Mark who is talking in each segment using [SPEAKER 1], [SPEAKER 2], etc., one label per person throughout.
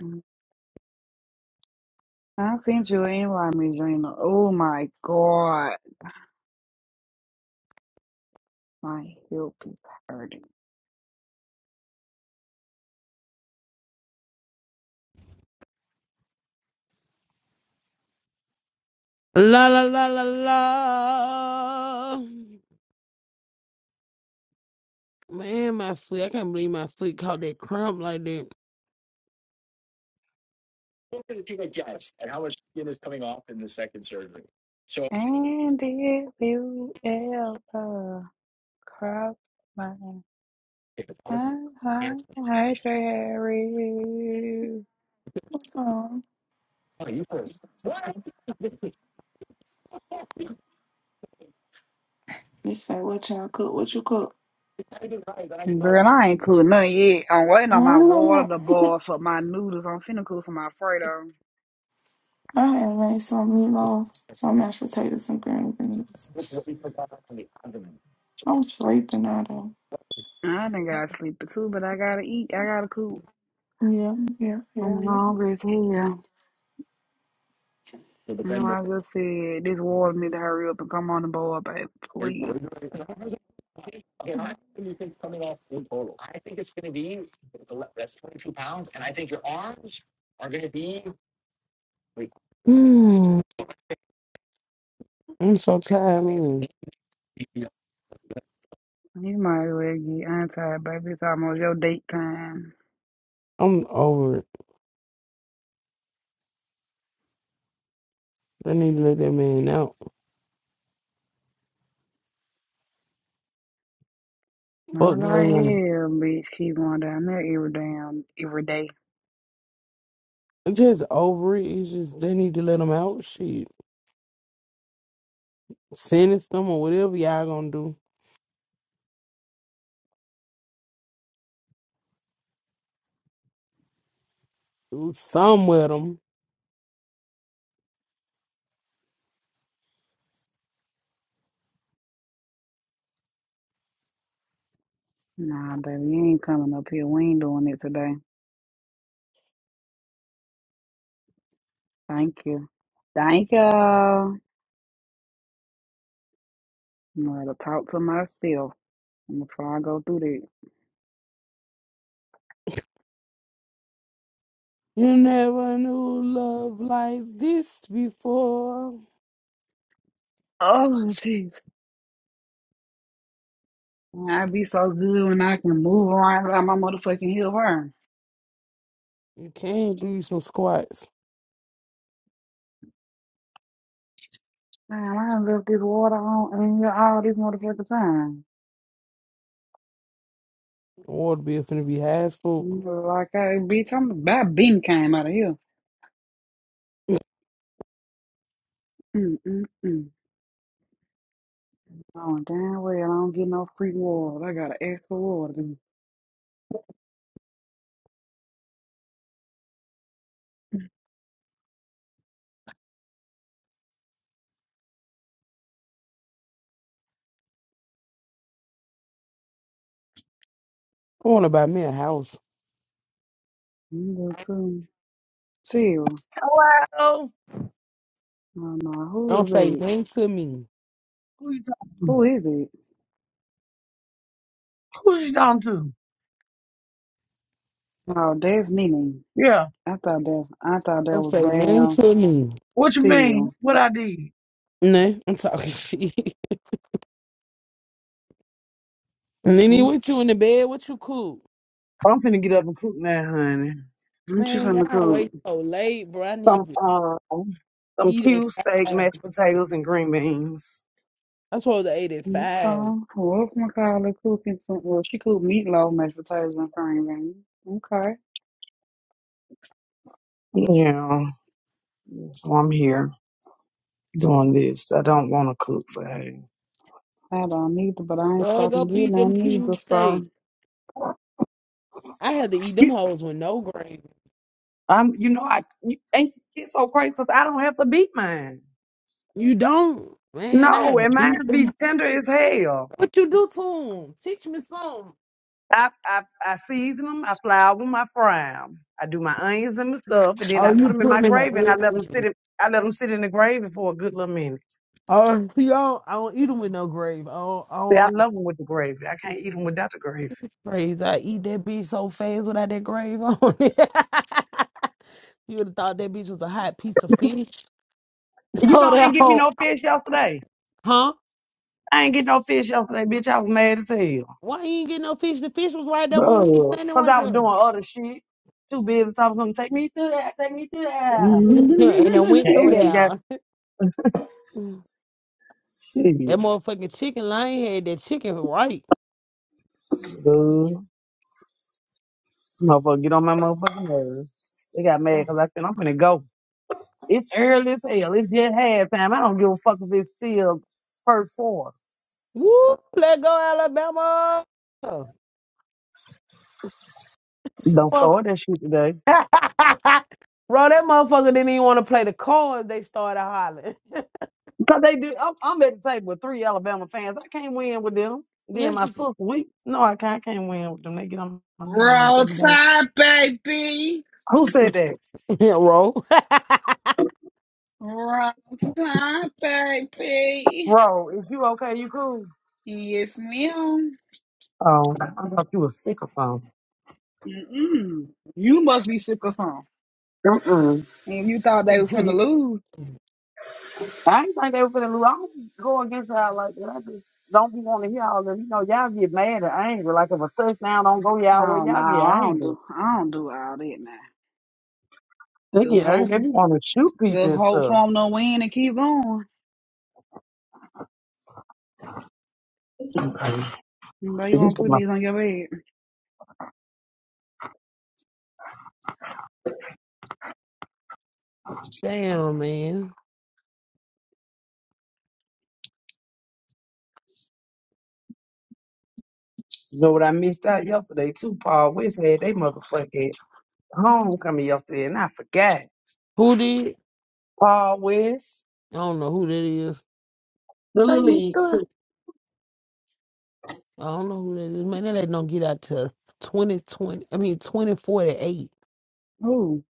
[SPEAKER 1] Mm. I seen you in La Regina. Oh my God. My hip is hurting.
[SPEAKER 2] La la la la la. Man, my foot. I can't believe my foot caught that cramp like that.
[SPEAKER 1] And if you ever cross my heart, I you.
[SPEAKER 3] What's on? They say what y'all cook, what you cook.
[SPEAKER 1] Girl, I ain't cool none yet. I'm waiting on
[SPEAKER 3] Oh, I
[SPEAKER 1] my
[SPEAKER 3] know
[SPEAKER 1] water to
[SPEAKER 3] that.
[SPEAKER 1] boil for my noodles. I'm finna cook some Alfredo.
[SPEAKER 3] I had made some meatloaf, some mashed potatoes, some green beans. I'm sleeping now though.
[SPEAKER 1] I done got sleepy too, but I gotta eat. I gotta cook.
[SPEAKER 3] Yeah, yeah,
[SPEAKER 1] I'm
[SPEAKER 3] yeah, yeah.
[SPEAKER 1] hungry as hell. You know, I just said this water need to hurry up and come on the board, baby. Please.
[SPEAKER 2] Mm, I'm so tired, man.
[SPEAKER 1] You might as well get untied, baby. It's almost your date time.
[SPEAKER 2] I'm over it. I need to let that man out.
[SPEAKER 1] I was
[SPEAKER 2] Fuck the
[SPEAKER 1] like,
[SPEAKER 2] man.
[SPEAKER 1] hell, bitch, keep going down there every damn every day.
[SPEAKER 2] I'm just over it. It's just they need to let him out. Shit. Sentence them or whatever y'all gonna do. Do some with them.
[SPEAKER 1] Nah, baby, you ain't coming up here. We ain't doing it today. Thank you. Thank you. I'm gonna talk to myself before I go through that.
[SPEAKER 2] You never knew love like this before.
[SPEAKER 1] Oh, jeez. I be so good when I can move around like my motherfucking heel burn.
[SPEAKER 2] You can't do some squats.
[SPEAKER 1] Man, I done left this water on and you all this motherfucking time.
[SPEAKER 2] The water bill finna be high as fuck.
[SPEAKER 1] You look like, hey, bitch, I'm about bean came out of here. Mm-mm-mm. Oh, damn well, I don't get no free water. I got to ask for water.
[SPEAKER 2] I want to buy me a house.
[SPEAKER 1] You go to Chill.
[SPEAKER 4] Hello?
[SPEAKER 1] Oh, no, who
[SPEAKER 2] Don't say
[SPEAKER 1] is it?
[SPEAKER 2] nothing to me.
[SPEAKER 4] Who you talking to?
[SPEAKER 1] Who is it?
[SPEAKER 4] Who you talking to?
[SPEAKER 1] Oh, that's Nene.
[SPEAKER 4] Yeah.
[SPEAKER 1] I thought that, I thought that
[SPEAKER 2] Don't
[SPEAKER 1] was
[SPEAKER 2] say nothing
[SPEAKER 1] damn
[SPEAKER 2] to me.
[SPEAKER 4] What you mean?
[SPEAKER 1] Chill.
[SPEAKER 4] What I did?
[SPEAKER 2] Nah, I'm talking shit. Nene,
[SPEAKER 1] Mm,
[SPEAKER 2] what you in the bed? What you cook?
[SPEAKER 4] I'm finna get up and cook now, honey.
[SPEAKER 1] What you
[SPEAKER 2] Man,
[SPEAKER 1] finna
[SPEAKER 2] y'all
[SPEAKER 1] cook?
[SPEAKER 2] wait so late, bro. I
[SPEAKER 4] Some
[SPEAKER 2] need to
[SPEAKER 4] um some
[SPEAKER 2] eat
[SPEAKER 4] cube
[SPEAKER 2] at
[SPEAKER 4] steak,
[SPEAKER 2] five.
[SPEAKER 4] mashed potatoes, and green beans.
[SPEAKER 2] I'm supposed to eat at
[SPEAKER 1] Mm,
[SPEAKER 2] five.
[SPEAKER 1] Okay. What's my colleague cooking some, well, she cooked meatloaf, mashed potatoes, and cream. Beans. Okay.
[SPEAKER 4] Yeah. So I'm here doing this. I don't want to cook, but hey.
[SPEAKER 1] I don't either, but I ain't
[SPEAKER 2] Bro, go
[SPEAKER 1] stopping getting
[SPEAKER 2] beat them
[SPEAKER 1] none
[SPEAKER 2] cube
[SPEAKER 1] either, so.
[SPEAKER 2] steaks. I had to eat them
[SPEAKER 4] You-
[SPEAKER 2] hoes with no gravy.
[SPEAKER 4] I'm, you know, I you, and it's so crazy 'cause I don't have to beat mine.
[SPEAKER 2] You don't? Man, I
[SPEAKER 4] No,
[SPEAKER 2] had to
[SPEAKER 4] and
[SPEAKER 2] beat
[SPEAKER 4] mine's
[SPEAKER 2] them.
[SPEAKER 4] be tender as hell.
[SPEAKER 2] What you do to them? Teach me something.
[SPEAKER 4] I, I, I season them, I flour them, I fry them. I do my onions and my stuff, and then
[SPEAKER 2] Oh,
[SPEAKER 4] I put
[SPEAKER 2] you
[SPEAKER 4] them in
[SPEAKER 2] put
[SPEAKER 4] my
[SPEAKER 2] them in the
[SPEAKER 4] gravy and I let them sit
[SPEAKER 2] oven.
[SPEAKER 4] in, I let them sit in the gravy for a good little minute.
[SPEAKER 2] Oh, you don't, I don't eat them with no gravy. I don't, I
[SPEAKER 4] See,
[SPEAKER 2] don't
[SPEAKER 4] I
[SPEAKER 2] like.
[SPEAKER 4] love them with the gravy. I can't eat them without the gravy.
[SPEAKER 2] Praise I eat that bitch so fast without that grave on it. you would have thought that bitch was a hot piece of fish.
[SPEAKER 4] You
[SPEAKER 2] So
[SPEAKER 4] know, I
[SPEAKER 2] that
[SPEAKER 4] ain't give me
[SPEAKER 2] whole
[SPEAKER 4] no fish yesterday.
[SPEAKER 2] huh?
[SPEAKER 4] I ain't get no fish yesterday, bitch. I was mad as hell.
[SPEAKER 2] Why you ain't get no fish? The fish was right there when we was
[SPEAKER 4] Ugh.
[SPEAKER 2] standing
[SPEAKER 4] Cause
[SPEAKER 2] right
[SPEAKER 4] I was
[SPEAKER 2] there.
[SPEAKER 4] doing other shit. Too busy talking to them. Take me through that. Take me through that.
[SPEAKER 2] and it
[SPEAKER 4] The
[SPEAKER 2] went through
[SPEAKER 4] ass got
[SPEAKER 2] there.
[SPEAKER 4] shit.
[SPEAKER 2] That motherfucking chicken line had that chicken right.
[SPEAKER 4] Dude. Motherfucker, get on my motherfucking nerves. They got mad cause I said, I'm finna go. It's early as hell. It's just half time. I don't give a fuck if it's still first quarter.
[SPEAKER 2] Woo! Let go, Alabama. Motherf-
[SPEAKER 4] Don't start
[SPEAKER 2] Bro,
[SPEAKER 4] that shit today.
[SPEAKER 2] that motherfucker didn't even want to play the cards. They started hollering.
[SPEAKER 4] Cause they do. I'm, I'm at the table with three Alabama fans. I can't win with them.
[SPEAKER 2] yeah,
[SPEAKER 4] Then my sister, we no, I can't. I can't win with them. They get on my nerves. They be like,
[SPEAKER 1] Roadside, baby.
[SPEAKER 4] "Who said that,
[SPEAKER 2] yeah, bro.
[SPEAKER 1] Roadside, baby.
[SPEAKER 4] bro? Is you okay? You cool?"
[SPEAKER 1] Yes, ma'am.
[SPEAKER 4] Oh, I thought you were sick or something.
[SPEAKER 1] Mm-mm. You must be sick or something.
[SPEAKER 4] Mm-mm.
[SPEAKER 1] And you thought they was finna lose.
[SPEAKER 4] I ain't think they were finna lose. I don't go against y'all like that. I just don't be wanting to hear all that. You know, y'all get mad or angry. Like if a touchdown don't go y'all way,
[SPEAKER 1] Oh, no,
[SPEAKER 4] y'all get
[SPEAKER 1] I don't
[SPEAKER 4] angry.
[SPEAKER 1] do, I don't do all that now.
[SPEAKER 4] They
[SPEAKER 1] Just
[SPEAKER 4] get
[SPEAKER 1] hope,
[SPEAKER 4] angry. They want to shoot people
[SPEAKER 1] just
[SPEAKER 4] and
[SPEAKER 1] hope
[SPEAKER 4] stuff.
[SPEAKER 1] for them to win and keep going.
[SPEAKER 4] Okay.
[SPEAKER 1] But you
[SPEAKER 4] See, this
[SPEAKER 1] want to
[SPEAKER 4] was
[SPEAKER 1] put
[SPEAKER 4] my.
[SPEAKER 1] these on your bed.
[SPEAKER 2] Damn, man.
[SPEAKER 4] You know what I missed out yesterday too? Paul West had they motherfucking homecoming yesterday, and I forgot.
[SPEAKER 2] Who did?
[SPEAKER 4] Paul West,
[SPEAKER 2] I don't know who that is.
[SPEAKER 4] the little
[SPEAKER 1] Take me
[SPEAKER 4] league.
[SPEAKER 1] through.
[SPEAKER 2] I don't know who that is. Man, that lady don't get out to 2020. I mean, 2048.
[SPEAKER 1] Who?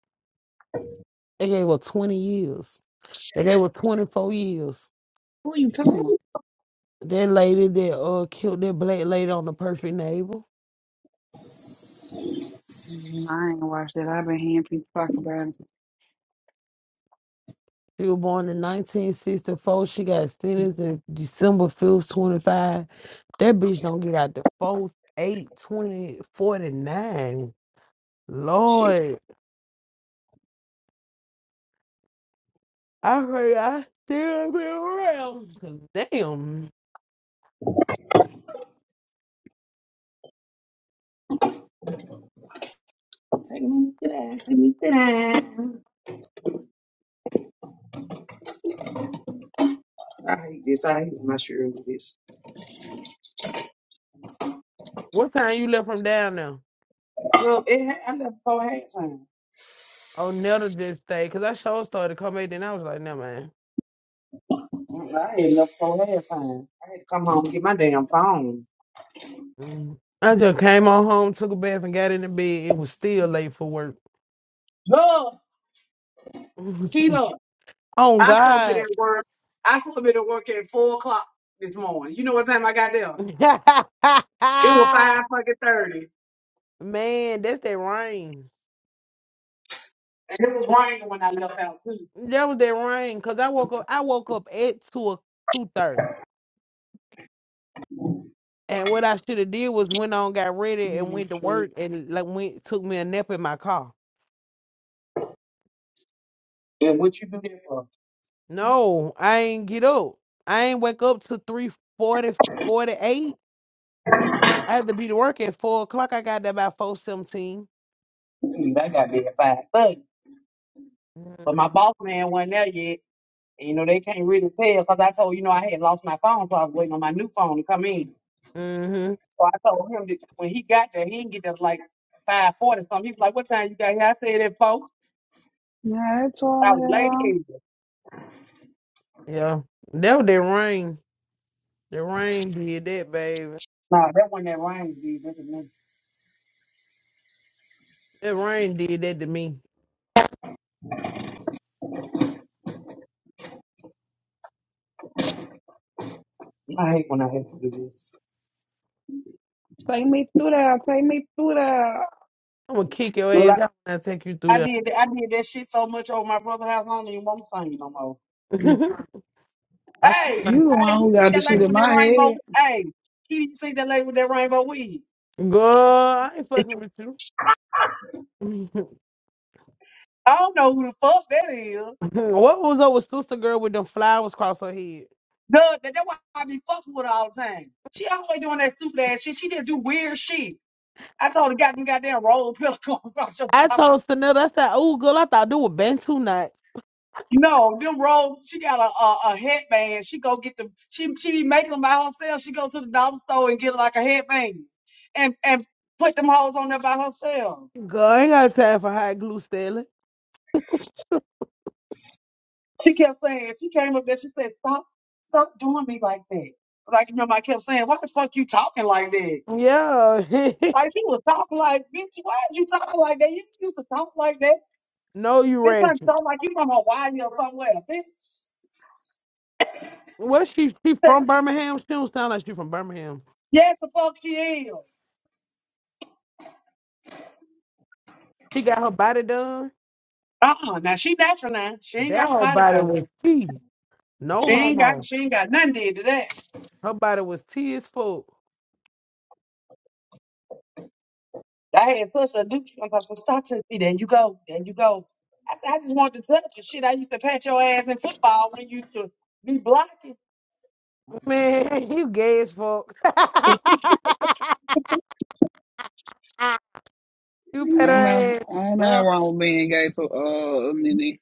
[SPEAKER 2] They gave her 20 years. They gave her 24 years.
[SPEAKER 1] Who are you talking about?
[SPEAKER 2] That lady that uh killed that black lady on the perfect neighbor.
[SPEAKER 1] Mm, I ain't watched it. I've been hearing people talk about it.
[SPEAKER 2] She was born in 1964. She got sentenced in December 5th, 25. That bitch don't get out the fourth, 8, 20, 49. Lord, I heard I still be around. 'Cause Damn.
[SPEAKER 4] Take me to that. Take me to that. I hate this. I hate my shirt with this.
[SPEAKER 2] What time you left from down there?
[SPEAKER 4] Well, it, ha- I left for halftime.
[SPEAKER 2] Oh, Netta just stayed. Because I sure started to come back, then I was like, no, man.
[SPEAKER 4] I had enough for halftime. I had to come home and get my damn phone.
[SPEAKER 2] Mm. I just came on home, took a bath, and got in the bed. It was still late for work.
[SPEAKER 4] No, Keto,
[SPEAKER 2] oh,
[SPEAKER 4] I supposed to be
[SPEAKER 2] God.
[SPEAKER 4] at work. I supposed to be at work at four o'clock this morning. You know what time I got there? It was five fucking thirty,
[SPEAKER 2] Man, that's that rain.
[SPEAKER 4] and it was raining when I left out too.
[SPEAKER 2] That was that rain. Cause I woke up I woke up at two o- two thirty. And what I should have did was went on, got ready and
[SPEAKER 1] Man,
[SPEAKER 2] went to
[SPEAKER 1] shit.
[SPEAKER 2] work and like went took me a nap in my car.
[SPEAKER 4] And what you do that for?
[SPEAKER 2] No, I ain't get up. I ain't wake up till three forty forty eight. I had to be to work at four o'clock. I got there by four seventeen.
[SPEAKER 4] Hmm, I got there at five thirty, but my boss man wasn't there yet. And, you know they can't really tell because I told you know I had lost my phone, so I was waiting on my new phone to come in.
[SPEAKER 2] Mm-hmm.
[SPEAKER 4] So I told him that when he got there, he didn't get there like five forty something. He was like, "What time you got here?" I said at four."
[SPEAKER 1] Yeah, it's
[SPEAKER 4] I
[SPEAKER 1] on,
[SPEAKER 4] was late
[SPEAKER 1] y'all.
[SPEAKER 4] in.
[SPEAKER 2] Yeah. That was that rain. The rain did that, baby.
[SPEAKER 4] Nah, that one that rain did. That was me.
[SPEAKER 2] That rain did that to me.
[SPEAKER 4] I hate when I have to do this.
[SPEAKER 1] Take me through that. Take me through that.
[SPEAKER 2] I'm gonna kick your
[SPEAKER 4] Well,
[SPEAKER 2] ass
[SPEAKER 4] I,
[SPEAKER 2] out when I take you through there.
[SPEAKER 4] I did I did that shit so much over my brother's house. I don't even want to sing no more.
[SPEAKER 2] I took
[SPEAKER 4] Hey,
[SPEAKER 2] my
[SPEAKER 1] You the
[SPEAKER 4] hey,
[SPEAKER 1] one
[SPEAKER 4] you
[SPEAKER 1] who
[SPEAKER 4] see
[SPEAKER 1] got the
[SPEAKER 4] that lady
[SPEAKER 1] shit in
[SPEAKER 4] with that
[SPEAKER 1] my
[SPEAKER 4] rainbow?
[SPEAKER 1] head.
[SPEAKER 4] Hey, Kitty, you see that lady with that rainbow wig?
[SPEAKER 2] Girl, I ain't fucking with you.
[SPEAKER 4] I don't know who the fuck that is.
[SPEAKER 2] what was up with sister girl with them flowers across her head?
[SPEAKER 4] Duh, that, that's why I be fucking with her all the time. She always doing that stupid ass shit. She just do weird shit. I told her got them goddamn roll pillow going across your
[SPEAKER 2] I
[SPEAKER 4] top.
[SPEAKER 2] told Stanella, I said, "Ooh, girl, I thought they were Bantu knots."
[SPEAKER 4] No, them rolls. She got a, a a headband. She go get them. She she be making them by herself. She go to the dollar store and get like a headband, and and put them hoes on there by herself.
[SPEAKER 2] Girl, I ain't got time for hot glue stealing.
[SPEAKER 4] She kept saying, she came up there, she said, Stop, stop doing me like that. Because I remember I kept saying, Why the fuck you talking like that?
[SPEAKER 2] Yeah,
[SPEAKER 4] Like she was talking like, bitch, why is you talking like that? You used to talk like that.
[SPEAKER 2] no, you
[SPEAKER 4] Bitch, I'm
[SPEAKER 2] ratchet.
[SPEAKER 4] talking like you from Hawaii or somewhere. Bitch
[SPEAKER 2] Well, she she
[SPEAKER 4] said,
[SPEAKER 2] from Birmingham. She don't sound like she from Birmingham.
[SPEAKER 4] Yes, the fuck she is.
[SPEAKER 2] She got her body done.
[SPEAKER 4] Uh-uh. Now she natural now. She ain't
[SPEAKER 2] That
[SPEAKER 4] got a
[SPEAKER 2] whole
[SPEAKER 4] body
[SPEAKER 2] body was
[SPEAKER 4] though.
[SPEAKER 2] tea. No
[SPEAKER 4] She ain't got
[SPEAKER 2] homo.
[SPEAKER 4] she ain't got nothing did to that.
[SPEAKER 2] Her body was tea as fuck.
[SPEAKER 4] I had touched her dude. I'm talking some stop to me. There you go. There you go. I said, I just wanted to touch you. Shit, I used to pat your ass in football when you used to be blocking.
[SPEAKER 2] Man, you gay as fuck. you better
[SPEAKER 1] I know.
[SPEAKER 2] ass.
[SPEAKER 1] I know wrong with being gay to uh Nene.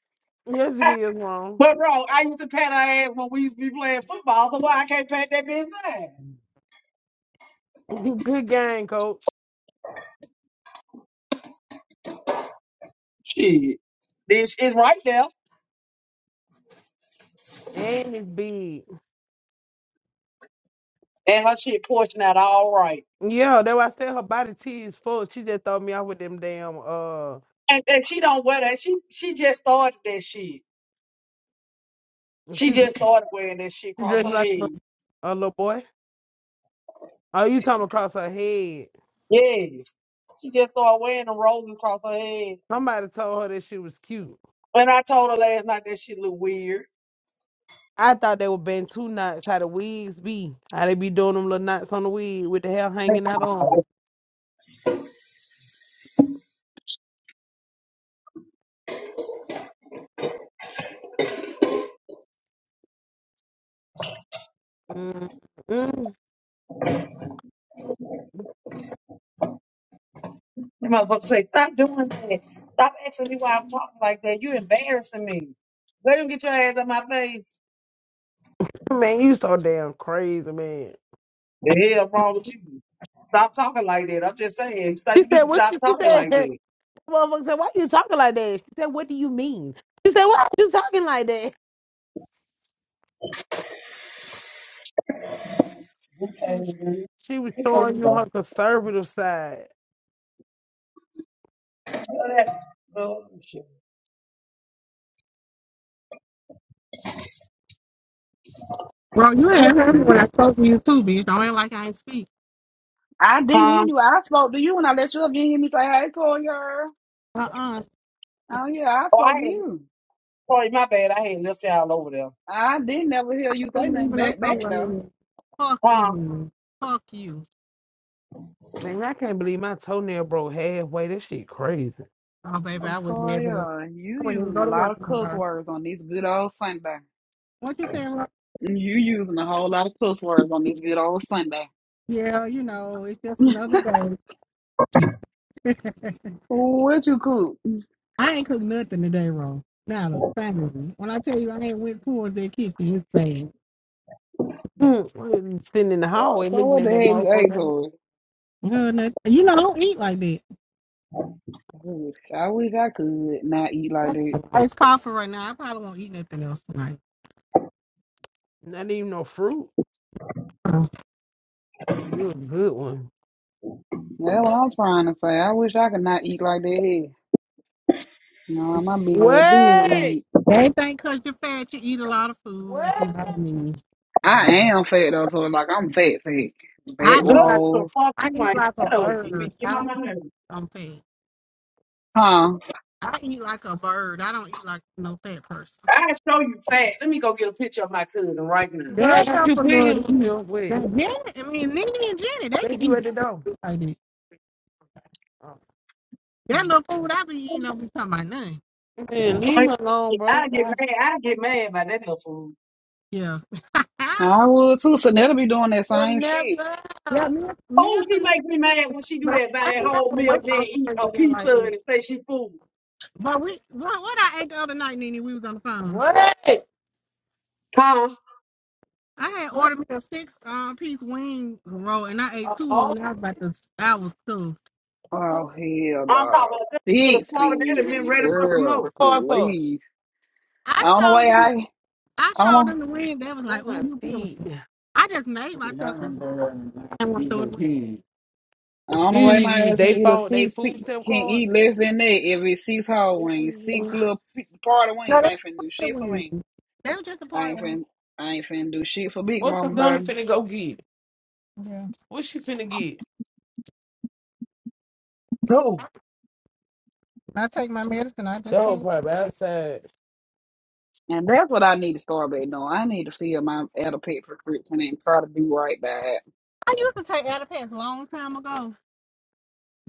[SPEAKER 2] Yes, it is, Mom.
[SPEAKER 4] But bro, I used to pat her ass when we used to be playing football, so why I can't pat that bitch down?
[SPEAKER 2] Good game, coach.
[SPEAKER 4] Shit. This is right there.
[SPEAKER 2] And it's big.
[SPEAKER 4] And her shit portion out all right.
[SPEAKER 2] Yeah, that why I said her body T is full. She just throw me out with them damn, uh,
[SPEAKER 4] And, and she don't wear that. She she just started that shit. She
[SPEAKER 2] she,
[SPEAKER 4] just started wearing that shit
[SPEAKER 2] she
[SPEAKER 4] across
[SPEAKER 2] dressed
[SPEAKER 4] her
[SPEAKER 2] like
[SPEAKER 4] head.
[SPEAKER 2] a, a little boy. Oh, you talking across her head.
[SPEAKER 4] Yes. She just started wearing them rolling across her head.
[SPEAKER 2] Somebody told her that she was cute.
[SPEAKER 4] And I told her last night that she look weird.
[SPEAKER 2] I thought they were been two knots, how the wigs be. How they be doing them little knots on the wig with the hair hanging out on.
[SPEAKER 4] The
[SPEAKER 2] Mm, mm.
[SPEAKER 4] motherfucker say, Stop doing that. Stop asking me why I'm talking like that. You embarrassing me. Girl, you get your ass out my face.
[SPEAKER 2] Man, you so damn crazy, man.
[SPEAKER 4] The hell wrong with you? Stop talking like that. I'm just saying. Stop,
[SPEAKER 2] She
[SPEAKER 4] you
[SPEAKER 2] said,
[SPEAKER 4] need to
[SPEAKER 2] "What
[SPEAKER 4] stop
[SPEAKER 2] you?" She
[SPEAKER 4] talking
[SPEAKER 2] said,
[SPEAKER 4] like that.
[SPEAKER 2] "Motherfucker said, why you talking like that?" She said, "What do you mean?" She said, "Why you talking like that?" She
[SPEAKER 4] Okay,
[SPEAKER 2] was,
[SPEAKER 4] dude.
[SPEAKER 2] she was
[SPEAKER 4] Good for you,
[SPEAKER 2] showing you her
[SPEAKER 4] though.
[SPEAKER 2] conservative side.
[SPEAKER 4] Look that bullshit.
[SPEAKER 5] Well, you
[SPEAKER 2] And
[SPEAKER 5] had
[SPEAKER 2] That's
[SPEAKER 5] heard me when I told you too, bitch. Don't act like I ain't speak.
[SPEAKER 1] I didn't hear
[SPEAKER 4] Huh?
[SPEAKER 1] you. I spoke to you when I let you up. You didn't hear me say, hey, Toya.
[SPEAKER 5] Uh-uh.
[SPEAKER 1] Oh, yeah, I
[SPEAKER 4] Oh, I
[SPEAKER 1] spoke to
[SPEAKER 4] had,
[SPEAKER 1] you.
[SPEAKER 4] sorry, my bad. I had left y'all over there.
[SPEAKER 1] I didn't ever hear you
[SPEAKER 5] I was
[SPEAKER 1] say nothing
[SPEAKER 5] leaving us
[SPEAKER 1] back, back,
[SPEAKER 5] somewhere. I
[SPEAKER 1] though.
[SPEAKER 5] mean, fuck
[SPEAKER 4] Huh?
[SPEAKER 5] you. Fuck you.
[SPEAKER 2] man, I can't believe my toenail broke halfway. That shit crazy.
[SPEAKER 5] Oh, baby, I wouldn't be able to.
[SPEAKER 1] Toya, you
[SPEAKER 5] I wouldn't even
[SPEAKER 1] using a
[SPEAKER 5] go to
[SPEAKER 1] lot
[SPEAKER 5] work
[SPEAKER 1] of cuss
[SPEAKER 5] tomorrow.
[SPEAKER 1] words on this good old Sunday.
[SPEAKER 5] What you saying, Ro?
[SPEAKER 1] You using a whole lot of cuss words on this good old Sunday.
[SPEAKER 5] Yeah, you know, it's just another day.
[SPEAKER 1] What you cook?
[SPEAKER 5] I ain't cooked nothing today, Ro. Not a thing. When I tell you I ain't went towards that kitchen, it's sad.
[SPEAKER 2] Mm, I been Sitting in the
[SPEAKER 1] Uh,
[SPEAKER 2] hallway
[SPEAKER 1] so
[SPEAKER 2] looking
[SPEAKER 1] what the
[SPEAKER 2] at
[SPEAKER 1] hell
[SPEAKER 2] that
[SPEAKER 1] you ate
[SPEAKER 2] motherfucker.
[SPEAKER 1] Tori?
[SPEAKER 5] Good, nothing. You know, I don't eat like that.
[SPEAKER 1] it? I wish I could not eat like that.
[SPEAKER 5] It's coffee right now. I probably won't eat nothing else tonight.
[SPEAKER 2] Not even no fruit. You a good one.
[SPEAKER 1] That's what I'm trying to say. I wish I could not eat like that. Nah, my big ass dude
[SPEAKER 2] Wait,
[SPEAKER 1] eat.
[SPEAKER 5] They think 'cause you're fat, you eat a lot of food. It's
[SPEAKER 2] wait,
[SPEAKER 5] not me.
[SPEAKER 1] I
[SPEAKER 5] Sorry.
[SPEAKER 1] am fat though, so like I'm fat fat.
[SPEAKER 5] I
[SPEAKER 1] Back
[SPEAKER 4] Good.
[SPEAKER 5] eat like
[SPEAKER 4] The
[SPEAKER 1] rolls.
[SPEAKER 4] fuck
[SPEAKER 5] I
[SPEAKER 4] you
[SPEAKER 5] eat
[SPEAKER 4] ain't.
[SPEAKER 5] like a
[SPEAKER 4] Shut up. You be
[SPEAKER 5] bird.
[SPEAKER 4] getting
[SPEAKER 5] I
[SPEAKER 4] on
[SPEAKER 5] don't.
[SPEAKER 4] my nerves.
[SPEAKER 5] I'm fat.
[SPEAKER 1] Huh.
[SPEAKER 5] I eat like a bird. I don't eat like no fat person.
[SPEAKER 4] I show you fat. Let me go get a picture of my cousin right now.
[SPEAKER 2] girl,
[SPEAKER 5] That's
[SPEAKER 2] got
[SPEAKER 5] not
[SPEAKER 2] you
[SPEAKER 5] for Lord
[SPEAKER 2] pleading
[SPEAKER 5] to
[SPEAKER 2] with
[SPEAKER 5] eat.
[SPEAKER 2] you. Wait,
[SPEAKER 5] Now, Jenny, I mean, Nene and Jenny, they
[SPEAKER 2] there's
[SPEAKER 5] can
[SPEAKER 2] you
[SPEAKER 5] eat
[SPEAKER 2] at the door.
[SPEAKER 5] food like that. That little food I be eating, don't be talking about nothing.
[SPEAKER 2] Man, leave
[SPEAKER 4] Like,
[SPEAKER 2] me alone, bro.
[SPEAKER 4] I get mad. I get mad by that little food.
[SPEAKER 5] Yeah. I,
[SPEAKER 1] Nah, I would too. So they'll be doing that
[SPEAKER 2] You'll
[SPEAKER 1] same shit.
[SPEAKER 2] never.
[SPEAKER 5] yeah, me, me
[SPEAKER 4] Oh, she
[SPEAKER 5] and Nene,
[SPEAKER 4] makes me mad when she do
[SPEAKER 5] but I,
[SPEAKER 4] that by
[SPEAKER 5] I
[SPEAKER 4] that
[SPEAKER 5] ain't have
[SPEAKER 4] whole
[SPEAKER 5] no
[SPEAKER 4] meal,
[SPEAKER 5] weight
[SPEAKER 4] then
[SPEAKER 5] loss
[SPEAKER 4] eat
[SPEAKER 5] surgery
[SPEAKER 4] a
[SPEAKER 5] or anything
[SPEAKER 4] pizza
[SPEAKER 5] like
[SPEAKER 4] and
[SPEAKER 5] this.
[SPEAKER 4] say she food.
[SPEAKER 5] But we, what, what I ate the other night, Nene, we was on the phone.
[SPEAKER 2] What?
[SPEAKER 4] Huh?
[SPEAKER 5] I had
[SPEAKER 2] What
[SPEAKER 5] ordered me a six um, piece wing roll, and I ate
[SPEAKER 2] are
[SPEAKER 5] two of
[SPEAKER 2] all
[SPEAKER 5] them.
[SPEAKER 2] the
[SPEAKER 5] And I was
[SPEAKER 2] white
[SPEAKER 5] about
[SPEAKER 2] people-
[SPEAKER 5] to, I was too.
[SPEAKER 1] Oh
[SPEAKER 2] what
[SPEAKER 1] hell
[SPEAKER 4] I'm
[SPEAKER 1] no.
[SPEAKER 4] talking about with a
[SPEAKER 1] Six
[SPEAKER 4] slaughtered
[SPEAKER 2] you
[SPEAKER 1] piece.
[SPEAKER 2] need
[SPEAKER 4] enemy
[SPEAKER 2] to
[SPEAKER 4] been
[SPEAKER 2] use the
[SPEAKER 4] ready for some
[SPEAKER 1] Girl,
[SPEAKER 4] more.
[SPEAKER 2] card for?
[SPEAKER 1] please. I
[SPEAKER 5] I
[SPEAKER 1] don't know why
[SPEAKER 5] showed them,
[SPEAKER 1] I
[SPEAKER 5] the, I
[SPEAKER 1] I don't
[SPEAKER 5] showed
[SPEAKER 1] know.
[SPEAKER 5] them the wing. They was like,
[SPEAKER 2] Oh
[SPEAKER 5] "Oh,
[SPEAKER 2] my
[SPEAKER 5] you
[SPEAKER 2] feet.
[SPEAKER 5] beautiful." I just made myself.
[SPEAKER 1] I
[SPEAKER 5] I want to throw it. away.
[SPEAKER 1] don't know
[SPEAKER 2] You
[SPEAKER 1] why
[SPEAKER 2] need to
[SPEAKER 1] my
[SPEAKER 2] use
[SPEAKER 1] ass can
[SPEAKER 2] they
[SPEAKER 1] eat a
[SPEAKER 2] phone, they
[SPEAKER 1] six
[SPEAKER 2] food
[SPEAKER 1] pe-
[SPEAKER 2] stamp
[SPEAKER 1] can
[SPEAKER 2] card.
[SPEAKER 1] eat less than that if it's six whole wings, six
[SPEAKER 2] Ooh.
[SPEAKER 1] little pe- party
[SPEAKER 5] No,
[SPEAKER 1] wings.
[SPEAKER 5] they
[SPEAKER 1] I ain't finna
[SPEAKER 5] were
[SPEAKER 1] do
[SPEAKER 5] part of
[SPEAKER 1] shit for me.
[SPEAKER 5] wings. They were just a
[SPEAKER 1] I
[SPEAKER 5] part of
[SPEAKER 1] ain't
[SPEAKER 5] one.
[SPEAKER 1] finna I ain't finna do shit for Big
[SPEAKER 2] What's the
[SPEAKER 1] Mama
[SPEAKER 2] gun
[SPEAKER 1] baby.
[SPEAKER 2] finna go get?
[SPEAKER 5] Yeah,
[SPEAKER 2] What she finna get?
[SPEAKER 5] I take my medicine. I just
[SPEAKER 2] That whole
[SPEAKER 5] can't.
[SPEAKER 2] probably outside.
[SPEAKER 1] And that's what I need to start back doing. I need to feel my adult pet prescription and try to do right by it.
[SPEAKER 5] I used to take Atipex a long time ago,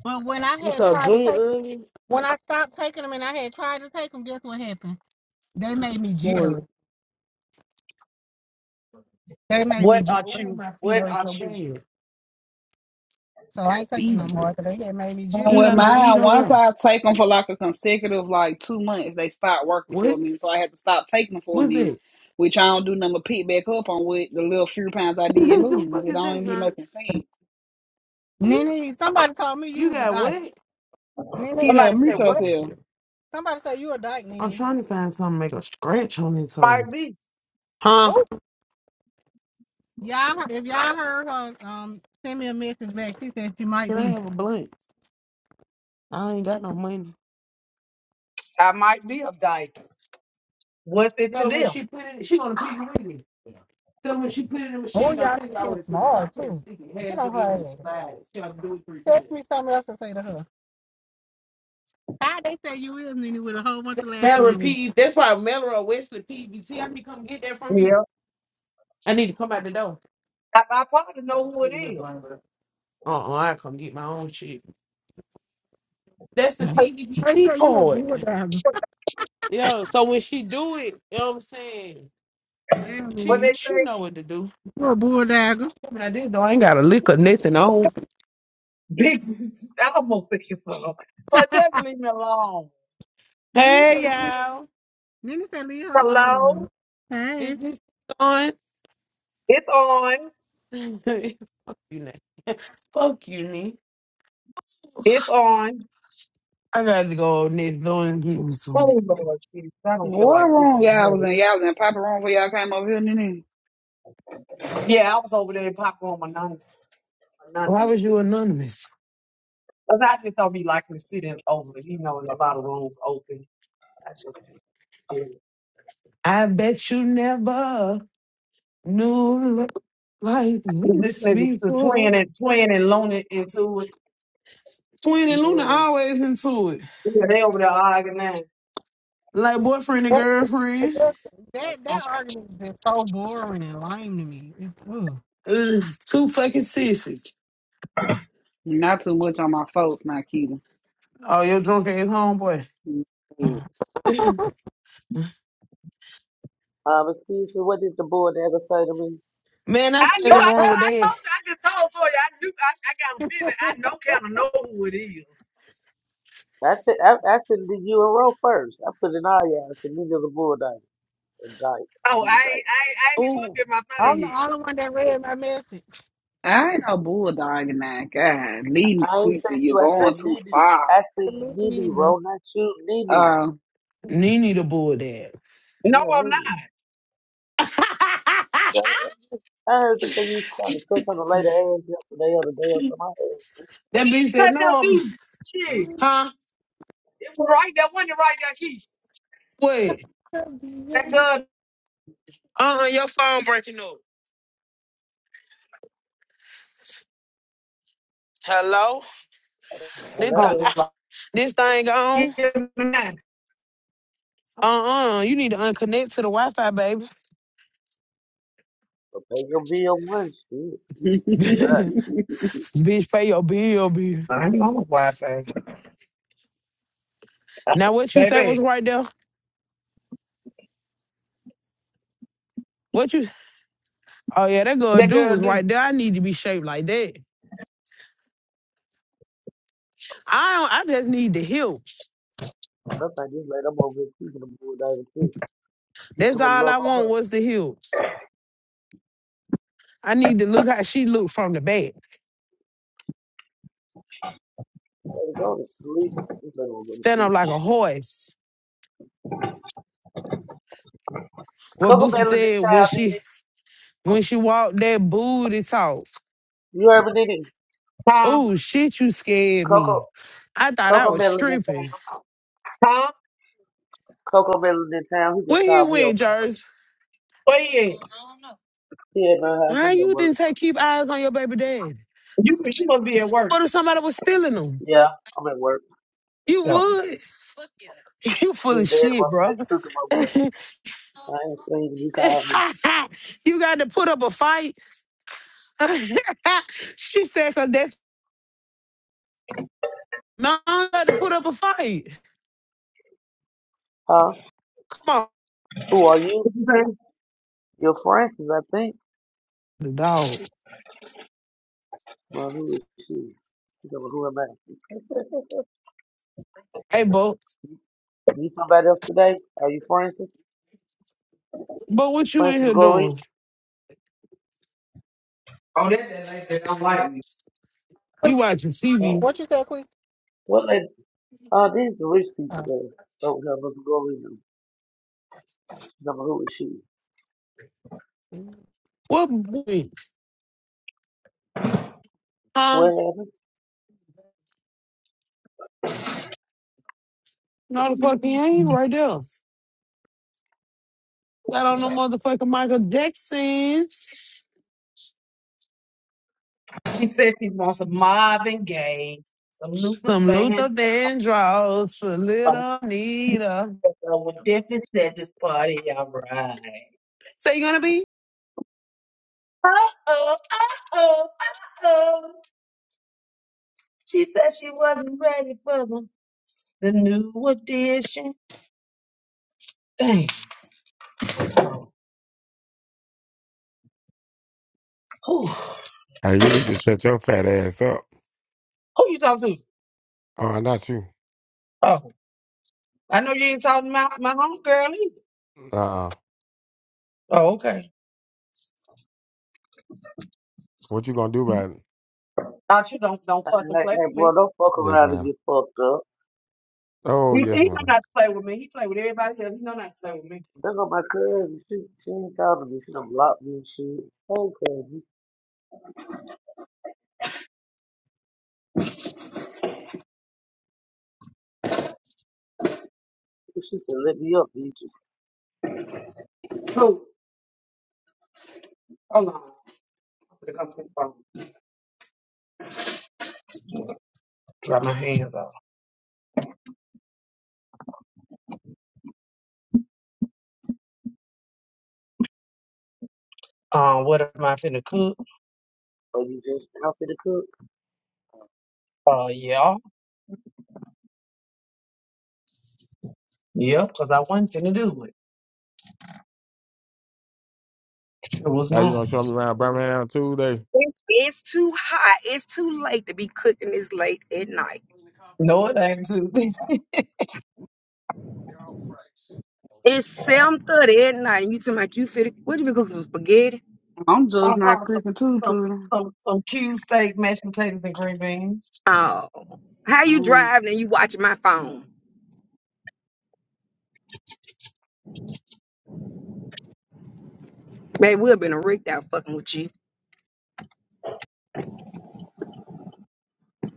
[SPEAKER 5] but when I
[SPEAKER 2] You
[SPEAKER 5] had
[SPEAKER 2] saw
[SPEAKER 5] tried to
[SPEAKER 2] Junior
[SPEAKER 5] take,
[SPEAKER 2] early?
[SPEAKER 5] when I stopped taking them, and I had tried to take them, guess what happened? They made me
[SPEAKER 1] What?
[SPEAKER 5] jittery. They made me
[SPEAKER 4] What
[SPEAKER 5] jittery.
[SPEAKER 4] are
[SPEAKER 2] Oh
[SPEAKER 4] you?
[SPEAKER 2] my feet
[SPEAKER 4] What
[SPEAKER 2] hurt
[SPEAKER 4] are
[SPEAKER 2] so
[SPEAKER 4] you?
[SPEAKER 2] bad.
[SPEAKER 5] So I ain't take them no
[SPEAKER 2] Feet.
[SPEAKER 5] more more. 'cause They had made me
[SPEAKER 1] And
[SPEAKER 2] You ain't
[SPEAKER 5] jittery.
[SPEAKER 1] With
[SPEAKER 2] got no weed
[SPEAKER 1] mine,
[SPEAKER 2] over
[SPEAKER 1] once
[SPEAKER 2] here.
[SPEAKER 1] I take them for like a consecutive like two months, they start working for
[SPEAKER 2] What?
[SPEAKER 1] me. So I had to stop taking them for a
[SPEAKER 2] What's
[SPEAKER 1] minute,
[SPEAKER 2] that?
[SPEAKER 1] which I don't do nothing but pick back up on what the little few pounds I did
[SPEAKER 2] What the
[SPEAKER 1] lose.
[SPEAKER 2] fuck
[SPEAKER 1] It
[SPEAKER 2] is
[SPEAKER 1] don't
[SPEAKER 2] that,
[SPEAKER 1] even be
[SPEAKER 2] girl?
[SPEAKER 1] making sense.
[SPEAKER 5] Nene, somebody told me you
[SPEAKER 2] You
[SPEAKER 5] was a
[SPEAKER 2] got
[SPEAKER 5] dyke.
[SPEAKER 2] what?
[SPEAKER 1] He the
[SPEAKER 5] Nene,
[SPEAKER 4] Somebody said,
[SPEAKER 2] I'm
[SPEAKER 1] Mito
[SPEAKER 2] not
[SPEAKER 4] What
[SPEAKER 2] gonna
[SPEAKER 1] here.
[SPEAKER 2] get it.
[SPEAKER 5] somebody said you a dyke,
[SPEAKER 2] I'm
[SPEAKER 5] Nene.
[SPEAKER 2] trying to find something to make a scratch on this hole.
[SPEAKER 4] might be?
[SPEAKER 2] Huh?
[SPEAKER 5] Oh, y'all, heard- if y'all heard her, um, send me a message back. She said she might
[SPEAKER 2] Can I
[SPEAKER 5] be.
[SPEAKER 2] have a blunt? I ain't got no money.
[SPEAKER 4] I might be of dyke. What's it
[SPEAKER 2] Tell
[SPEAKER 4] to
[SPEAKER 2] her when
[SPEAKER 4] them?
[SPEAKER 2] she put it, she gonna pee you with me. Tell her when she put it in the
[SPEAKER 5] Oh,
[SPEAKER 2] machine, don't
[SPEAKER 5] y'all,
[SPEAKER 2] take it all
[SPEAKER 5] she
[SPEAKER 2] the
[SPEAKER 5] is
[SPEAKER 2] way to the
[SPEAKER 5] smart
[SPEAKER 2] top. Can't
[SPEAKER 5] too.
[SPEAKER 2] stick it
[SPEAKER 5] Get on her
[SPEAKER 2] halfway in the
[SPEAKER 5] ass.
[SPEAKER 2] slide. She have to do it three times.
[SPEAKER 5] Text me something else to say to her. How they say you is, Nene, with a whole bunch of
[SPEAKER 2] Mallory
[SPEAKER 5] laughing
[SPEAKER 2] P. That's why Mallory or Wesley PBT. need to come get that from you.
[SPEAKER 4] Yeah.
[SPEAKER 2] I need to come out the door.
[SPEAKER 4] I, I probably know who it is.
[SPEAKER 2] Uh-uh, I come get my own shit. That's the
[SPEAKER 5] emojis. they
[SPEAKER 2] PBT
[SPEAKER 5] say you a
[SPEAKER 2] card.
[SPEAKER 5] bull dagger.
[SPEAKER 2] Yeah, so when she do it, you know what I'm saying?
[SPEAKER 5] Damn,
[SPEAKER 4] When
[SPEAKER 2] She
[SPEAKER 4] they
[SPEAKER 5] Nene,
[SPEAKER 2] she
[SPEAKER 4] say
[SPEAKER 2] know what to do.
[SPEAKER 5] you a bull dagger.
[SPEAKER 2] I'm coming out this door. I ain't got a lick or nothing on.
[SPEAKER 4] big I almost think it's so. So I tell them leave me alone.
[SPEAKER 5] Nene
[SPEAKER 2] Hey
[SPEAKER 5] said,
[SPEAKER 2] y'all.
[SPEAKER 5] Nene said, leave her
[SPEAKER 4] Hello?
[SPEAKER 5] alone. y'all.
[SPEAKER 2] Is
[SPEAKER 5] Hey.
[SPEAKER 2] this on?
[SPEAKER 4] It's on.
[SPEAKER 2] Fuck you, Nick. Fuck you, Nick.
[SPEAKER 4] It's on.
[SPEAKER 2] I gotta go next door and get me some.
[SPEAKER 4] Oh Lord Jesus. I don't feel
[SPEAKER 1] What
[SPEAKER 4] like keeping
[SPEAKER 1] wrong y'all was
[SPEAKER 4] it.
[SPEAKER 1] in? Y'all was in Papa wrong when y'all came over here, Nene.
[SPEAKER 4] Yeah, I was over there in popcorn anonymous
[SPEAKER 2] Why was you
[SPEAKER 4] anonymously.
[SPEAKER 2] anonymous?
[SPEAKER 4] Cause I just don't be liking to sit in over, you know, in a lot of rooms open. So
[SPEAKER 2] I bet you never knew love like
[SPEAKER 4] This
[SPEAKER 2] this
[SPEAKER 4] nigga t-
[SPEAKER 2] before.
[SPEAKER 4] swinging and swinging and loaning into it.
[SPEAKER 2] Sweeney and Luna
[SPEAKER 1] Yeah.
[SPEAKER 2] always into it.
[SPEAKER 4] Yeah, they over there arguing now. I
[SPEAKER 2] Like boyfriend and girlfriend.
[SPEAKER 5] That that argument has been so boring and lame to me. It's,
[SPEAKER 2] Ugh, two fucking sissies.
[SPEAKER 1] Not too much on my folks, not Keita.
[SPEAKER 2] Oh, your drunk ass homeboy.
[SPEAKER 1] Yeah.
[SPEAKER 5] ugh.
[SPEAKER 6] Um, excuse me, what did the board ever say to me?
[SPEAKER 2] Man, I stayed
[SPEAKER 4] knew.
[SPEAKER 2] in the
[SPEAKER 4] I
[SPEAKER 2] room
[SPEAKER 4] told.
[SPEAKER 2] with
[SPEAKER 4] I
[SPEAKER 2] dad.
[SPEAKER 4] told. I just told for you. I knew. I, I got a feeling. I know kind of know who it is.
[SPEAKER 6] I said, I, I said, did you enroll first? I put an eye you I said, neither the board died. Died.
[SPEAKER 4] Oh, I
[SPEAKER 6] He
[SPEAKER 4] ain't. I ain't,
[SPEAKER 6] Died.
[SPEAKER 4] I ain't even
[SPEAKER 2] Ooh.
[SPEAKER 4] looked at my thing
[SPEAKER 5] I'm the
[SPEAKER 4] yet.
[SPEAKER 5] only one that read my message.
[SPEAKER 1] I ain't no bulldogging that God. Leading the
[SPEAKER 6] I ain't
[SPEAKER 1] Queasy,
[SPEAKER 6] said
[SPEAKER 1] you're
[SPEAKER 6] you. I
[SPEAKER 5] Not
[SPEAKER 1] going
[SPEAKER 6] said,
[SPEAKER 1] too
[SPEAKER 6] Nene.
[SPEAKER 1] far.
[SPEAKER 6] I
[SPEAKER 5] to
[SPEAKER 6] said,
[SPEAKER 5] me
[SPEAKER 6] Nene,
[SPEAKER 5] either.
[SPEAKER 6] roll, not you. Nene.
[SPEAKER 1] Uh,
[SPEAKER 2] Nene the bull dad.
[SPEAKER 4] No,
[SPEAKER 6] Yeah,
[SPEAKER 4] I'm
[SPEAKER 6] Nene.
[SPEAKER 4] not.
[SPEAKER 2] that
[SPEAKER 6] Yeah, I heard you say you was trying to touch on the lady ass yesterday or the day or something.
[SPEAKER 2] bitch said,
[SPEAKER 4] Cut that
[SPEAKER 2] no, I'm,
[SPEAKER 4] dude. Shit.
[SPEAKER 2] huh?
[SPEAKER 4] It was right there. Wasn't it right there, Keith?
[SPEAKER 2] What?
[SPEAKER 4] That girl.
[SPEAKER 2] Uh-uh, your phone breaking up. Hello? This, th-
[SPEAKER 4] Hold
[SPEAKER 6] Hello.
[SPEAKER 2] ow,
[SPEAKER 4] on.
[SPEAKER 2] this thing gone?
[SPEAKER 4] Yeah, man.
[SPEAKER 2] Uh-uh, you need to unconnect to the Wi-Fi, baby.
[SPEAKER 6] But pay your bill once, shit. Sure.
[SPEAKER 2] Bitch, pay your bill, bitch.
[SPEAKER 4] I ain't on the Wi-Fi,
[SPEAKER 2] Now, what you say was
[SPEAKER 4] baby.
[SPEAKER 2] right there? What you... Oh, yeah, that girl
[SPEAKER 4] That
[SPEAKER 2] dude
[SPEAKER 4] girl
[SPEAKER 2] was
[SPEAKER 4] do.
[SPEAKER 2] right there. I need to be shaped like that. I don't, I just need the hips.
[SPEAKER 6] Nothing. Just let them over here keeping the board died too. Keep
[SPEAKER 2] That's
[SPEAKER 6] some
[SPEAKER 2] all
[SPEAKER 6] love
[SPEAKER 2] I
[SPEAKER 6] on
[SPEAKER 2] want
[SPEAKER 6] her.
[SPEAKER 2] was the hips. I need to look how she looked from the back.
[SPEAKER 6] Let her go to sleep. Just let her go to
[SPEAKER 2] Stand
[SPEAKER 6] sleep.
[SPEAKER 2] up
[SPEAKER 6] and
[SPEAKER 2] like a
[SPEAKER 6] shit.
[SPEAKER 2] horse. What
[SPEAKER 6] Coco
[SPEAKER 2] Boosie
[SPEAKER 6] Melon in
[SPEAKER 2] said when
[SPEAKER 6] town, did
[SPEAKER 2] she
[SPEAKER 6] it?
[SPEAKER 2] when she walked that booty talk.
[SPEAKER 6] You heard me, did it?
[SPEAKER 4] Huh?
[SPEAKER 2] Oh shit, you scared
[SPEAKER 6] Coco,
[SPEAKER 2] me. I thought I
[SPEAKER 6] Coco
[SPEAKER 2] was
[SPEAKER 6] Melon in town.
[SPEAKER 2] stripping.
[SPEAKER 4] Huh?
[SPEAKER 6] Coco Melon in town. He just
[SPEAKER 2] Where he
[SPEAKER 6] called me over
[SPEAKER 2] went,
[SPEAKER 6] my house.
[SPEAKER 2] Jers?
[SPEAKER 4] Where he at?
[SPEAKER 6] He at my house.
[SPEAKER 2] How
[SPEAKER 6] I'm at
[SPEAKER 2] you
[SPEAKER 6] work.
[SPEAKER 2] didn't take keep eyes on your baby dad?
[SPEAKER 4] You you must be at work.
[SPEAKER 2] What if somebody was stealing them?
[SPEAKER 6] Yeah, I'm at work.
[SPEAKER 2] You would. You full
[SPEAKER 6] His
[SPEAKER 2] of
[SPEAKER 6] dad
[SPEAKER 2] shit,
[SPEAKER 6] must have
[SPEAKER 2] bro.
[SPEAKER 6] just took him over there.
[SPEAKER 2] you
[SPEAKER 6] I ain't seen him. He called me.
[SPEAKER 2] got to put up a fight. she said, cause that's no you got to put up a fight.
[SPEAKER 6] Huh?
[SPEAKER 2] Come
[SPEAKER 6] Who are you?
[SPEAKER 4] Oh,
[SPEAKER 6] You're Francis, I think.
[SPEAKER 2] on, dog.
[SPEAKER 6] Well, who is she? He said, well, who am I?
[SPEAKER 2] Hey, but
[SPEAKER 6] you somebody else today? Are you Francis?
[SPEAKER 2] but what you in
[SPEAKER 6] Francis
[SPEAKER 2] here
[SPEAKER 6] Goree?
[SPEAKER 2] doing?
[SPEAKER 4] that's that lady that don't like me.
[SPEAKER 2] You watching
[SPEAKER 6] Uh,
[SPEAKER 2] TV?
[SPEAKER 5] What you said, Queen?
[SPEAKER 6] what lady? Uh, these are rich
[SPEAKER 5] Oh.
[SPEAKER 6] people there. Don't have us Goree. Number who is she?
[SPEAKER 5] yeah.
[SPEAKER 2] What? Huh?
[SPEAKER 6] What happened?
[SPEAKER 2] No, the fuck he ain't right there. Got on the motherfucking Michael Jacksons.
[SPEAKER 4] She said she wants some Marvin Gaye, some Luther
[SPEAKER 2] Some Luther
[SPEAKER 4] Van.
[SPEAKER 2] Vandross for
[SPEAKER 4] Um,
[SPEAKER 2] little Nita.
[SPEAKER 4] will definitely set this party all right.
[SPEAKER 2] So you gonna be
[SPEAKER 4] Oh, oh, oh, oh, oh. She said she wasn't ready for the, the new edition. Dang. Who,
[SPEAKER 7] Hey, you need to shut your fat ass up.
[SPEAKER 4] who you talking to?
[SPEAKER 7] Oh, not you.
[SPEAKER 4] Oh, I know you ain't talking about my homegirl either.
[SPEAKER 7] Uh, uh
[SPEAKER 4] Oh, okay.
[SPEAKER 7] what you gonna do about it?
[SPEAKER 4] Thought you don't don't fucking
[SPEAKER 6] Like,
[SPEAKER 4] play
[SPEAKER 6] hey,
[SPEAKER 4] with me.
[SPEAKER 6] bro, don't fuck
[SPEAKER 7] Yes,
[SPEAKER 6] around and
[SPEAKER 7] ma'am.
[SPEAKER 6] get fucked up.
[SPEAKER 7] Oh,
[SPEAKER 4] He,
[SPEAKER 7] yes,
[SPEAKER 4] he know
[SPEAKER 7] ma'am.
[SPEAKER 4] not to play with me. He play with everybody else. He know not to play with me.
[SPEAKER 6] That's what my cousin. She, she ain't talking to me. She done blocked me and shit. Hey, cousin. She said, let me up, you just,
[SPEAKER 4] Who? Hold on. I'm gonna come to the phone. Dry my hands off. Um, what am I finna cook?
[SPEAKER 6] or you just out for the cook.
[SPEAKER 4] Uh, yeah, yeah, cause I wasn't finna do it. It was
[SPEAKER 7] How you
[SPEAKER 4] not.
[SPEAKER 7] gonna show me around Birmingham Tuesday?
[SPEAKER 8] It's it's too hot. It's too late to be cooking this late at night.
[SPEAKER 4] No, it ain't too.
[SPEAKER 8] It's seven thirty at night. And you talking about you fit? What you been cooking some spaghetti?
[SPEAKER 1] I'm just not
[SPEAKER 4] uh-uh, some,
[SPEAKER 1] clicking too,
[SPEAKER 4] some,
[SPEAKER 1] Twitter.
[SPEAKER 4] some, some cube steak, mashed potatoes, and green beans.
[SPEAKER 8] Oh, how
[SPEAKER 1] I
[SPEAKER 8] you
[SPEAKER 1] don't
[SPEAKER 8] driving and you watching my phone? Man, we've been rigged out fucking with you.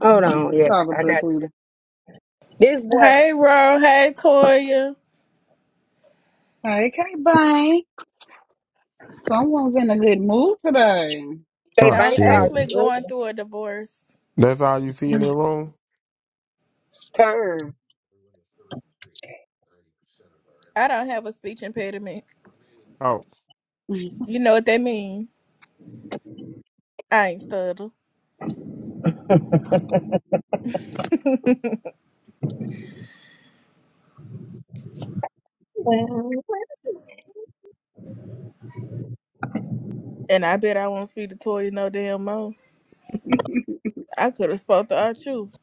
[SPEAKER 8] Hold
[SPEAKER 1] even
[SPEAKER 8] on, yeah,
[SPEAKER 1] talking
[SPEAKER 8] I
[SPEAKER 1] to
[SPEAKER 8] got
[SPEAKER 1] Twitter.
[SPEAKER 8] this boy.
[SPEAKER 9] Hey, Ro. Hey, Toya.
[SPEAKER 1] Hey, K Bang. Someone's in a good mood today.
[SPEAKER 8] They
[SPEAKER 7] Oh
[SPEAKER 9] No, I'm
[SPEAKER 8] bank card
[SPEAKER 9] actually
[SPEAKER 7] shit.
[SPEAKER 9] going through a divorce.
[SPEAKER 7] That's all you see in the room.
[SPEAKER 8] turn.
[SPEAKER 9] I don't have a speech impediment.
[SPEAKER 7] Oh,
[SPEAKER 9] You know what that mean? I ain't stutter. And I bet I won't speak to Toya no damn more. I could have spoke the our truth.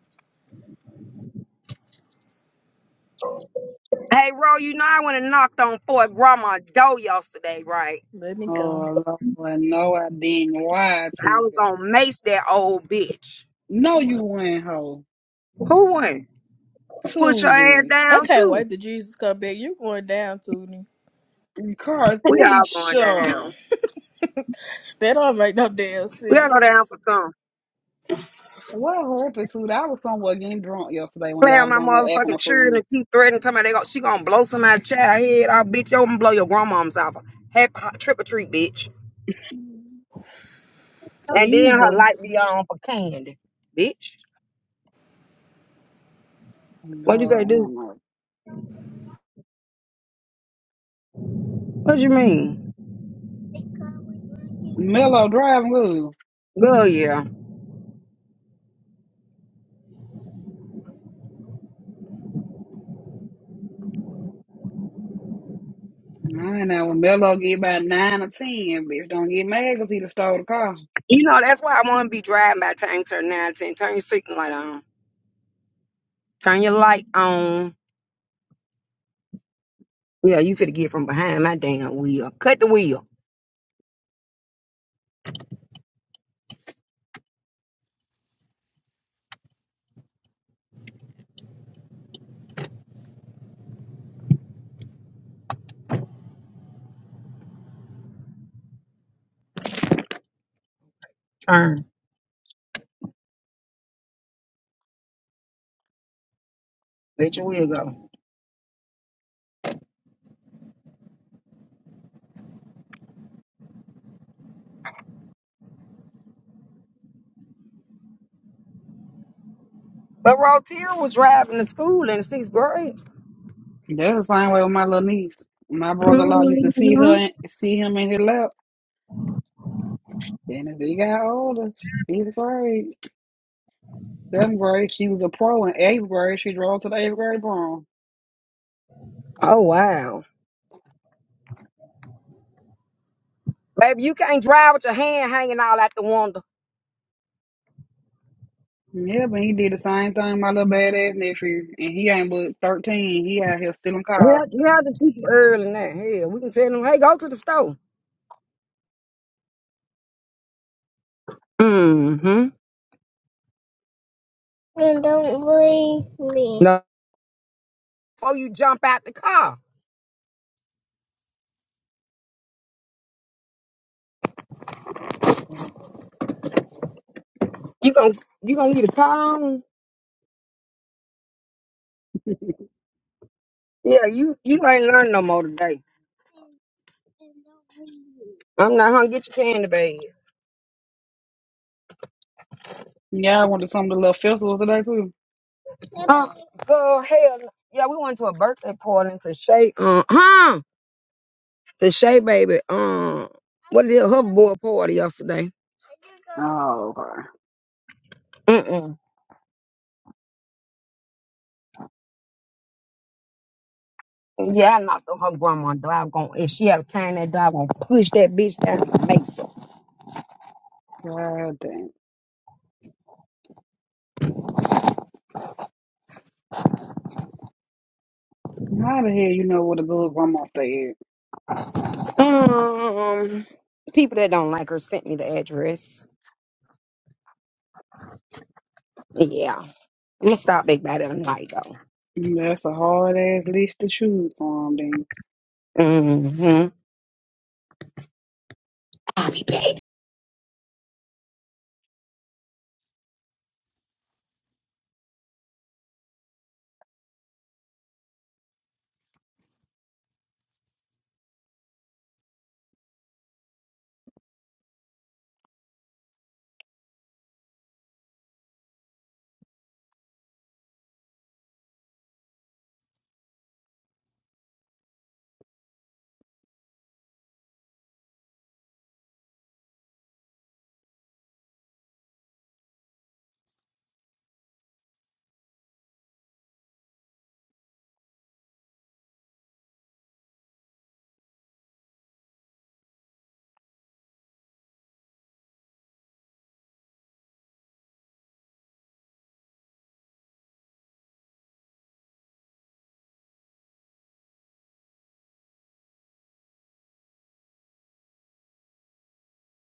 [SPEAKER 8] Hey, Ro, you know I went and knocked on Fort Grandma's door yesterday, right?
[SPEAKER 9] Let me go.
[SPEAKER 1] Oh, Lord, no, I didn't. Why
[SPEAKER 8] I was
[SPEAKER 1] Tuesday?
[SPEAKER 8] gonna mace that old bitch.
[SPEAKER 1] No, you went, hoe.
[SPEAKER 8] Who went? Push her ass
[SPEAKER 1] Tootie,
[SPEAKER 9] I
[SPEAKER 8] down
[SPEAKER 9] can't
[SPEAKER 8] too.
[SPEAKER 9] wait till Jesus come back. You going down, Tootie.
[SPEAKER 8] We all going down.
[SPEAKER 1] Cartisha,
[SPEAKER 9] That don't make no damn
[SPEAKER 8] We all go down
[SPEAKER 9] sense.
[SPEAKER 8] for some.
[SPEAKER 1] what happened to that? I was somewhere getting drunk yesterday when
[SPEAKER 8] Play
[SPEAKER 1] y'all
[SPEAKER 8] on
[SPEAKER 1] was
[SPEAKER 8] my
[SPEAKER 1] on here acting a
[SPEAKER 8] motherfucking children
[SPEAKER 1] fool.
[SPEAKER 8] and keep threatening somebody. They go, she gonna blow somebody's child head off, bitch. Yo, I'm gonna blow your grandma's off. Happy trick or treat, bitch. And then her
[SPEAKER 9] Evil.
[SPEAKER 8] light be on for candy, bitch. What you
[SPEAKER 1] God,
[SPEAKER 8] say,
[SPEAKER 1] I
[SPEAKER 8] dude?
[SPEAKER 1] don't know.
[SPEAKER 8] What you mean?
[SPEAKER 1] Mello driving good.
[SPEAKER 8] Girl, yeah.
[SPEAKER 1] I know when Mello get about nine or ten, bitch, don't get mad cause he done stole the car.
[SPEAKER 8] You know that's why I want to be driving by the time you turn nineteen. Turn your second light on. Turn your light on. Yeah, you finna get from behind my damn wheel. Cut the wheel. Turn. Let your wheel go. But Rotier was driving to school in sixth grade.
[SPEAKER 1] That's the same way with my little niece. My brother-in-law used to see her,
[SPEAKER 8] Mhm.
[SPEAKER 1] and see him in his lap. Then as he got older, sixth grade, seventh grade, she was a pro. In eighth grade, she drove to the eighth grade prom.
[SPEAKER 8] Oh wow. Baby, you can't drive with your hand hanging all out the window.
[SPEAKER 1] Yeah, but he did the same thing my little badass nephew, and he ain't but thirteen. He out here stealing cars.
[SPEAKER 8] Yeah, yeah, the cheap early now. Hell, we can tell them, hey, go to the store. Mm-hmm. And don't leave me. No, before you jump out the car, you gon' you gonna get a car on? Yeah, you you ain't learning no more today. I'm not gonna get your candy bag.
[SPEAKER 1] Yeah, I went to some of the little festivals today too.
[SPEAKER 8] Oh, girl, hell, no. yeah, we went to a birthday party to Shay, uh, huh? To Shay, baby, um, what is it, her boy party yesterday?
[SPEAKER 1] Oh, okay.
[SPEAKER 8] Mm-mm. Yeah, I knocked on her grandma dog on if she ever came that dog gonna push that bitch down her face.
[SPEAKER 1] God damn. How the hell you know what a good grandma said?
[SPEAKER 8] Um people that don't like her sent me the address. Yeah. I'm gonna stop big bad at night though.
[SPEAKER 1] That's a hard ass list to choose from, then.
[SPEAKER 8] Mm-hmm. I'll be back.